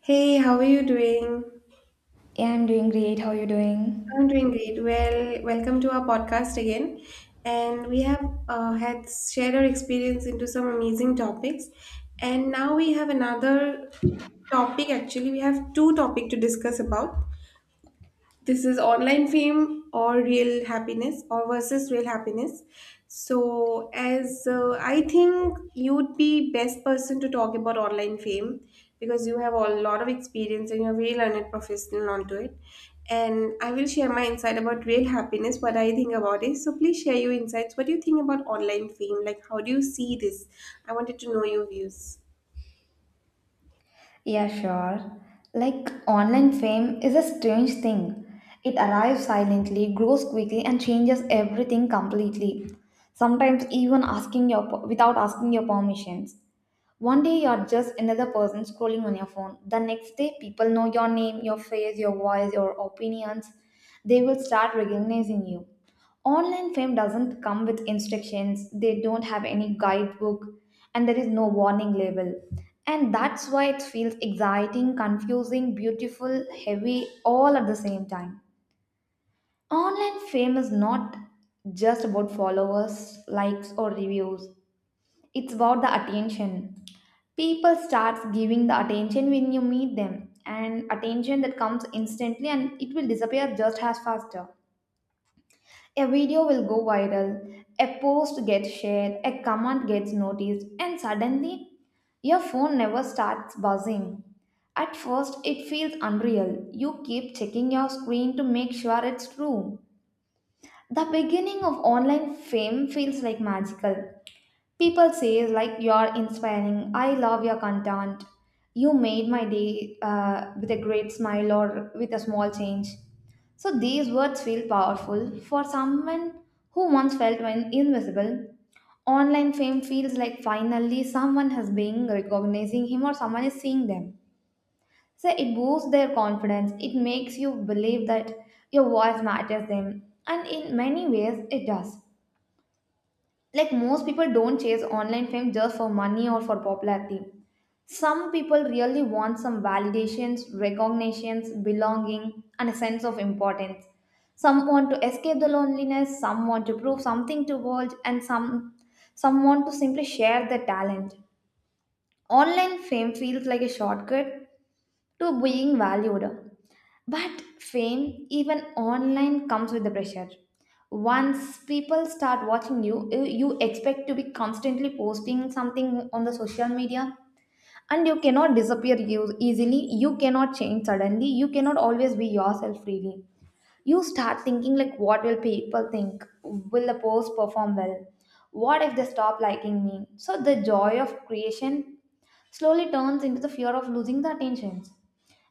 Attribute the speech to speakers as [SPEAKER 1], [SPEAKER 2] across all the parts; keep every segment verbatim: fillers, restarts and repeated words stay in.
[SPEAKER 1] Hey, how are you doing?
[SPEAKER 2] Yeah, I'm doing great. How you
[SPEAKER 1] I'm
[SPEAKER 2] doing?
[SPEAKER 1] doing great. Well, welcome to our podcast again. And we have uh, had shared our experience into some amazing topics. And now we have another topic. Actually, we have two topics to discuss about. This is online fame or real happiness or versus real happiness. So as uh, I think you'd be best person to talk about online fame, because you have a lot of experience and you're a very learned professional onto it. And I will share my insight about real happiness, what I think about it. So please share your insights. What do you think about online fame? Like how do you see this? I wanted to know your views.
[SPEAKER 2] Yeah, sure. Like online fame is a strange thing. It arrives silently, grows quickly, and changes everything completely. Sometimes even asking your without asking your permissions. One day you're just another person scrolling on your phone. The next day, people know your name, your face, your voice, your opinions. They will start recognizing you. Online fame doesn't come with instructions, they don't have any guidebook, and there is no warning label. And that's why it feels exciting, confusing, beautiful, heavy, all at the same time. Online fame is not just about followers, likes, or reviews. It's about the attention, people starts giving the attention when you meet them, and attention that comes instantly and it will disappear just as faster. A video will go viral, a post gets shared, a comment gets noticed, and suddenly your phone never starts buzzing. At first it feels unreal, you keep checking your screen to make sure it's true. The beginning of online fame feels like magical. People say like, you're inspiring. I love your content. You made my day uh, with a great smile or with a small change. So these words feel powerful for someone who once felt when invisible. Online fame feels like finally someone has been recognizing him, or someone is seeing them. So it boosts their confidence. It makes you believe that your voice matters them. And in many ways, it does. Like most people don't chase online fame just for money or for popularity. Some people really want some validations, recognitions, belonging, and a sense of importance. Some want to escape the loneliness, some want to prove something to world, and some some want to simply share their talent. Online fame feels like a shortcut to being valued. But fame, even online, comes with the pressure. Once people start watching you, you you expect to be constantly posting something on the social media, and you cannot disappear eu- easily. You cannot change suddenly. You cannot always be yourself freely. You start thinking like, what will people think? Will the post perform well? What if they stop liking me? So the joy of creation slowly turns into the fear of losing the attention.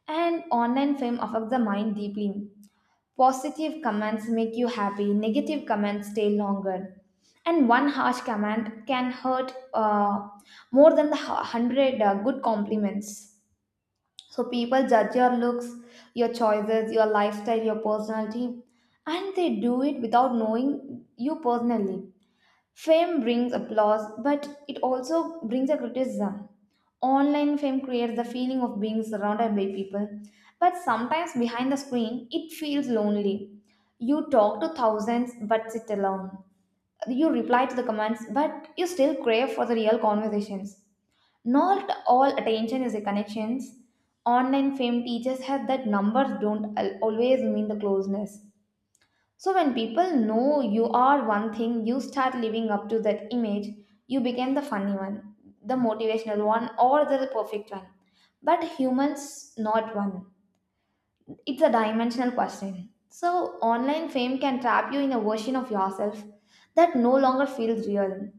[SPEAKER 2] And online fame affects the mind deeply. Positive comments make you happy, negative comments stay longer. And one harsh comment can hurt uh, more than the hu- hundred uh, good compliments. So people judge your looks, your choices, your lifestyle, your personality, and they do it without knowing you personally. Fame brings applause, but it also brings a criticism. Online fame creates the feeling of being surrounded by people, but sometimes behind the screen, it feels lonely. You talk to thousands, but sit alone. You reply to the comments, but you still crave for the real conversations. Not all attention is a connections. Online fame teaches us that numbers don't al- always mean the closeness. So when people know you are one thing, you start living up to that image, you become the funny one, the motivational one, or the perfect one. But humans, not one. It's a dimensional question. So online fame can trap you in a version of yourself that no longer feels real,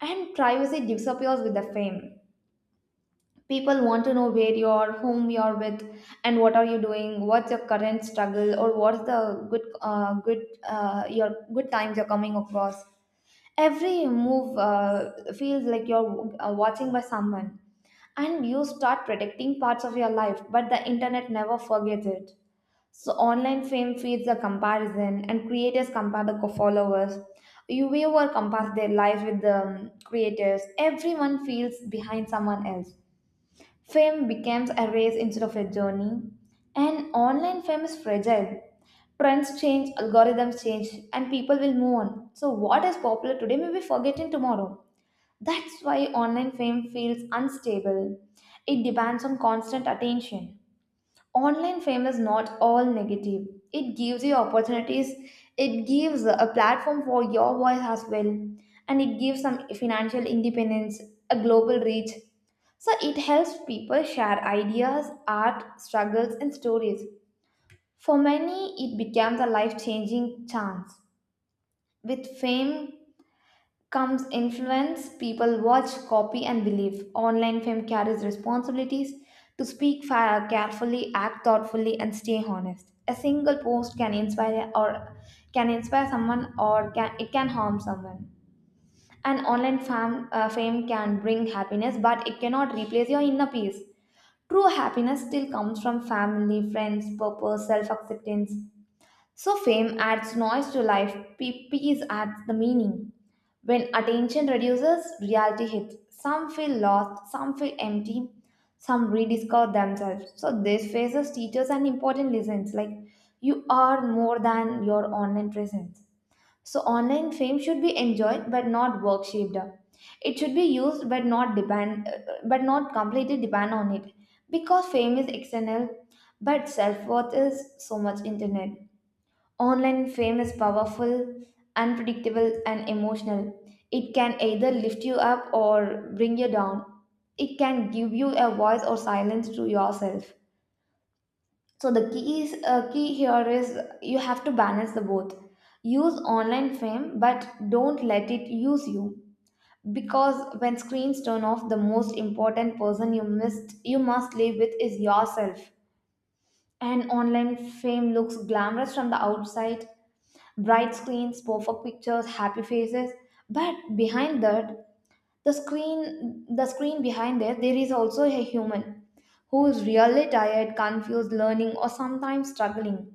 [SPEAKER 2] and privacy disappears with the fame. People want to know where you're, whom you're with, and what are you doing, what's your current struggle, or what's the good, uh, good, uh, your good times you're coming across. Every move uh, feels like you're uh, watching by someone, and you start predicting parts of your life, but the internet never forgets it. So online fame feeds the comparison, and creators compare the co- followers. You viewer compares their life with the um, creators. Everyone feels behind someone else. Fame becomes a race instead of a journey, and online fame is fragile. Trends change, algorithms change, and people will move on. So what is popular today may be forgotten tomorrow. That's why online fame feels unstable. It depends on constant attention. Online fame is not all negative, it gives you opportunities, it gives a platform for your voice as well, and it gives some financial independence, a global reach. So it helps people share ideas, art, struggles, and stories. For many it becomes a life changing chance. With fame comes influence. People watch, copy, and believe. Online fame carries responsibilities to speak fa- carefully, act thoughtfully, and stay honest. A single post can inspire, or can inspire someone, or can, it can harm someone. An online fam, uh, fame can bring happiness, but it cannot replace your inner peace. True happiness still comes from family, friends, purpose, self acceptance, so fame adds noise to life, pe- peace adds the meaning. When attention reduces, reality hits. Some feel lost, some feel empty, some rediscover themselves. So this faces teachers and important lessons like you are more than your online presence. So online fame should be enjoyed but not worshipped. It should be used but not depend but not completely depend on it, because fame is external but self-worth is so much internet. Online fame is powerful, unpredictable, and emotional. It can either lift you up or bring you down. It can give you a voice or silence to yourself. So the key is uh, key here is you have to balance the both. Use online fame, but don't let it use you. Because when screens turn off, the most important person you missed you must live with is yourself. And online fame looks glamorous from the outside, bright screens, perfect pictures, happy faces. But behind that, the screen, the screen behind there, there is also a human who is really tired, confused, learning, or sometimes struggling.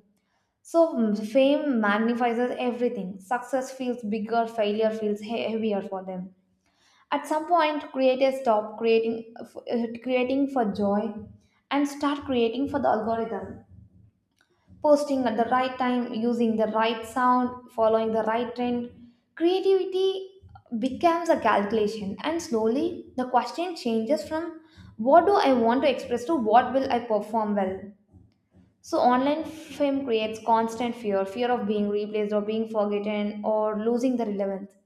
[SPEAKER 2] So mm, fame magnifies everything. Success feels bigger, failure feels he- heavier for them. At some point, creators stop creating, f- uh, creating for joy and start creating for the algorithm, posting at the right time, using the right sound, following the right trend. Creativity becomes a calculation, and slowly the question changes from what do I want to express to what will I perform well. So online fame creates constant fear, fear of being replaced or being forgotten or losing the relevance,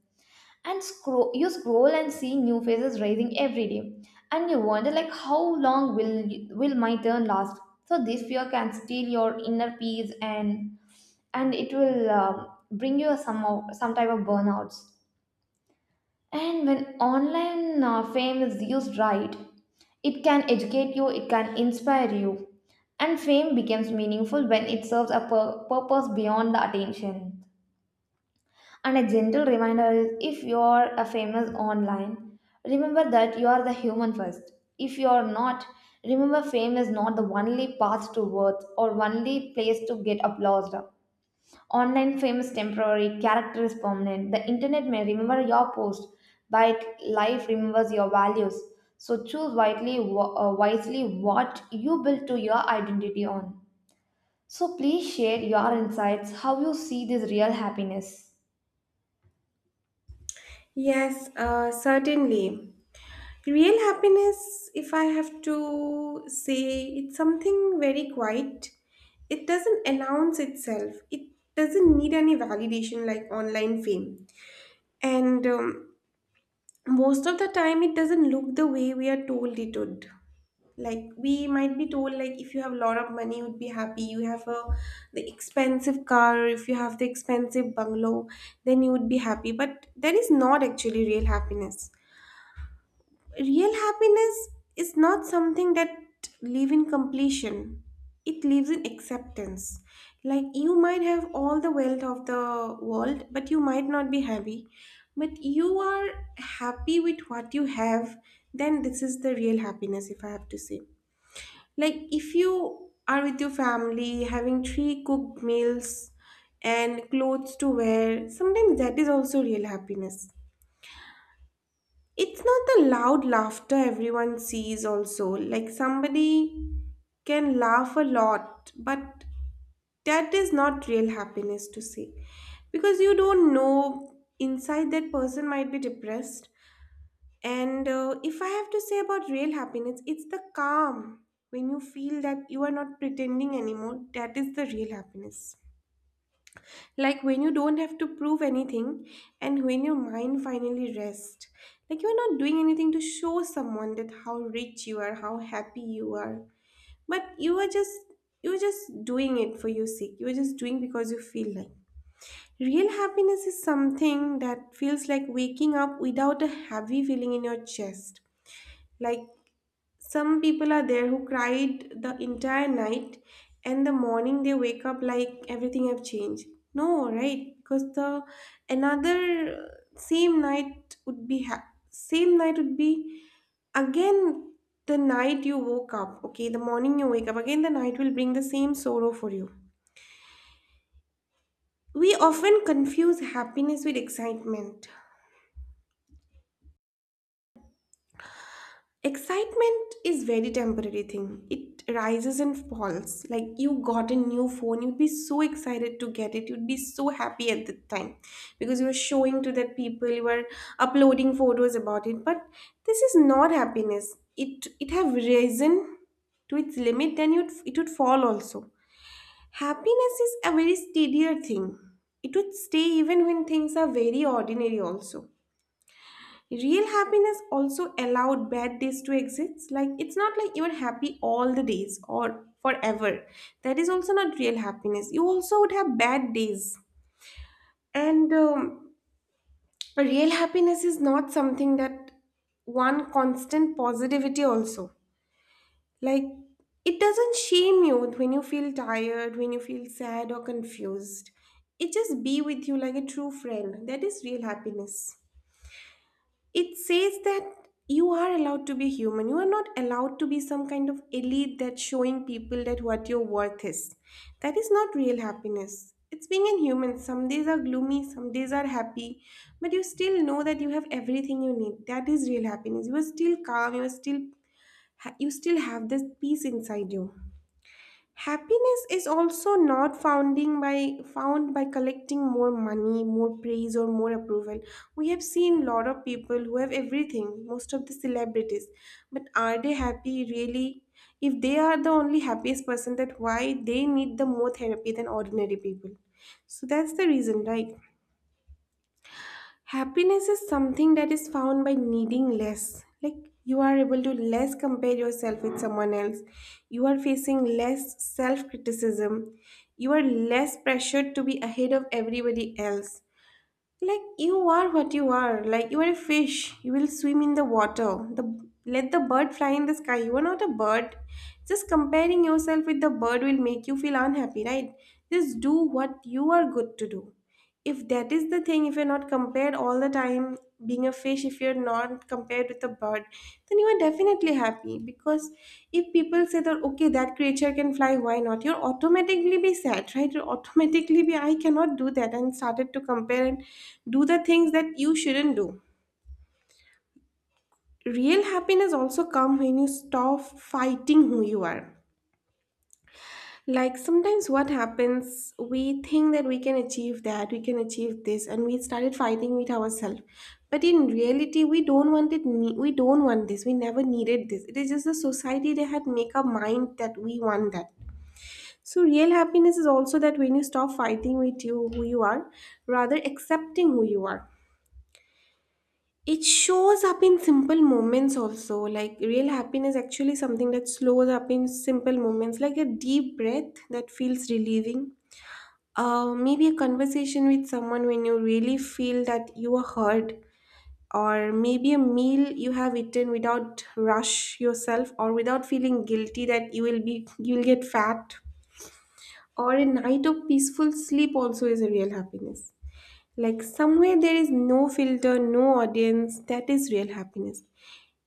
[SPEAKER 2] and scroll you scroll and see new faces rising every day, and you wonder like how long will will my turn last. So this fear can steal your inner peace, and and it will um, bring you some of- some type of burnouts. And when online uh, fame is used right, it can educate you, it can inspire you, and fame becomes meaningful when it serves a pur- purpose beyond the attention. And a gentle reminder is, if you are a famous online, remember that you are the human first. If you are not, remember fame is not the only path to worth or only place to get applause. Online fame is temporary, character is permanent. The internet may remember your post, but life remembers your values. So choose widely, wa- uh, wisely what you build to your identity on. So please share your insights, how you see this real happiness.
[SPEAKER 1] Yes, uh, certainly. Real happiness, if I have to say, it's something very quiet. It doesn't announce itself, it doesn't need any validation like online fame. And um, Most of the time, it doesn't look the way we are told it would. Like we might be told, like if you have a lot of money, you would be happy. You have a the expensive car, if you have the expensive bungalow, then you would be happy. But that is not actually real happiness. Real happiness is not something that live in completion, it lives in acceptance. Like you might have all the wealth of the world but you might not be happy, but you are happy with what you have. Then this is the real happiness, if I have to say. Like if you are with your family having three cooked meals and clothes to wear, sometimes that is also real happiness. It's not the loud laughter everyone sees, also. Like somebody can laugh a lot, but that is not real happiness to say. Because you don't know inside that person might be depressed. And uh, if I have to say about real happiness, it's the calm. When you feel that you are not pretending anymore, that is the real happiness. Like when you don't have to prove anything and when your mind finally rests. Like you are not doing anything to show someone that how rich you are, how happy you are. But you are just you're just doing it for your sake. You're just doing because you feel like. Real happiness is something that feels like waking up without a heavy feeling in your chest. Like some people are there who cried the entire night, and the morning they wake up like everything have changed. No, right? Because the another uh, same night would be ha- same night would be again. The night you woke up, okay, the morning you wake up, again the night will bring the same sorrow for you. We often confuse happiness with excitement. Excitement is very temporary thing. It rises and falls. Like you got a new phone, you'd be so excited to get it. You'd be so happy at the time because you were showing to that people, you were uploading photos about it. But this is not happiness. It it have risen to its limit, then you'd it would fall also. Happiness is a very steadier thing. It would stay even when things are very ordinary also. Real happiness also allowed bad days to exist. Like it's not like you're happy all the days or forever. That is also not real happiness. You also would have bad days. And um, Real happiness is not something that one constant positivity also. Like it doesn't shame you when you feel tired, when you feel sad or confused. It just be with you like a true friend. That is real happiness. It says that you are allowed to be human. You are not allowed to be some kind of elite that's showing people that what your worth is. That is not real happiness. It's being a human. Some days are gloomy, some days are happy, but you still know that you have everything you need. That is real happiness. You are still calm. You are still ha- you still have this peace inside you. Happiness is also not founding by found by collecting more money, more praise, or more approval. We have seen lot of people who have everything, most of the celebrities, but are they happy really? If they are the only happiest person, that why they need the more therapy than ordinary people. So that's the reason, right? Happiness is something that is found by needing less. Like you are able to less compare yourself with someone else, you are facing less self criticism, you are less pressured to be ahead of everybody else. Like you are what you are. Like you are a fish, you will swim in the water. The Let the bird fly in the sky, you are not a bird. Just comparing yourself with the bird will make you feel unhappy, right? Just do what you are good to do. If that is the thing, if you're not compared all the time, being a fish, if you're not compared with a bird, then you are definitely happy. Because if people say that okay, that creature can fly, why not, you'll automatically be sad, right? You'll automatically be I cannot do that, and started to compare and do the things that you shouldn't do. Real happiness also come when you stop fighting who you are. Like sometimes what happens, we think that we can achieve that, we can achieve this, and we started fighting with ourselves. But in reality, we don't want it. ne- We don't want this. We never needed this. It is just the society that had make our mind that we want that. So real happiness is also that when you stop fighting with you who you are, rather accepting who you are. It shows up in simple moments also. Like real happiness actually something that slows up in simple moments, like a deep breath that feels relieving. Uh, maybe a conversation with someone when you really feel that you are heard, or maybe a meal you have eaten without rush yourself or without feeling guilty that you will be you will get fat, or a night of peaceful sleep also is a real happiness. Like somewhere there is no filter, no audience, that is real happiness.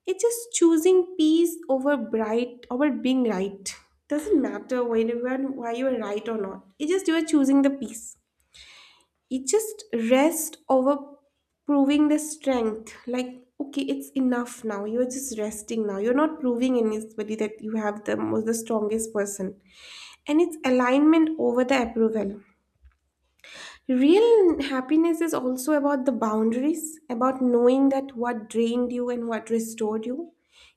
[SPEAKER 1] It's just choosing peace over bright over being right. Doesn't matter whether you are- why you are right or not. It's just you are choosing the peace. It just rest over proving the strength. Like okay, it's enough now, you're just resting now, you're not proving anybody that you have the most the strongest person. And it's alignment over the approval. Real happiness is also about the boundaries, about knowing that what drained you and what restored you.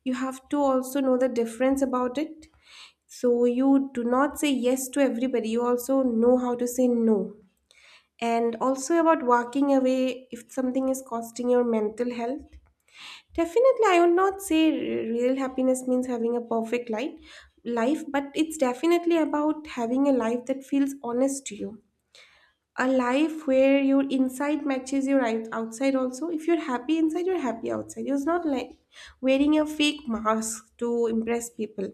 [SPEAKER 1] You have to also know the difference about it. So you do not say yes to everybody, you also know how to say no. And also about walking away if something is costing your mental health. Definitely I would not say r- real happiness means having a perfect life life, but it's definitely about having a life that feels honest to you. A life where your inside matches your out- outside also. If you're happy inside, you're happy outside. You're not like wearing a fake mask to impress people.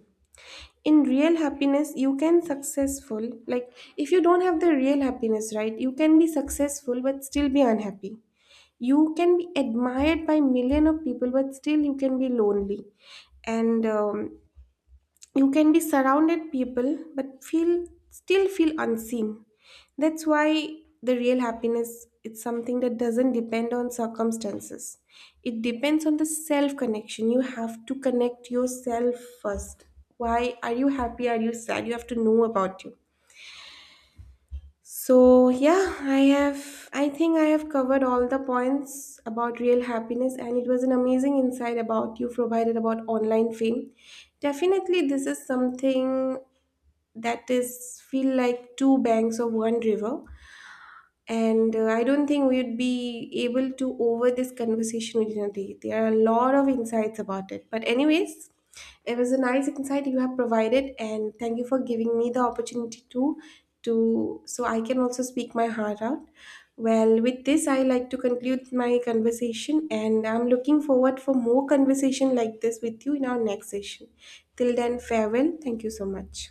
[SPEAKER 1] In real happiness you can successful. Like if you don't have the real happiness, right, you can be successful but still be unhappy. You can be admired by million of people but still you can be lonely. And um, You can be surrounded people but feel still feel unseen. That's why the real happiness, it's something that doesn't depend on circumstances. It depends on the self connection. You have to connect yourself first. Why are you happy, are you sad, you have to know about you. So yeah, i have I think I have covered all the points about real happiness, and it was an amazing insight about you provided about online fame. Definitely this is something that is feel like two banks of one river. And uh, I don't think we'd be able to over this conversation with Nadi. There are a lot of insights about it, but anyways, it was a nice insight you have provided, and thank you for giving me the opportunity to to so I can also speak my heart out. Well, with this I like to conclude my conversation, and I'm looking forward for more conversation like this with you in our next session. Till then, farewell. Thank you so much.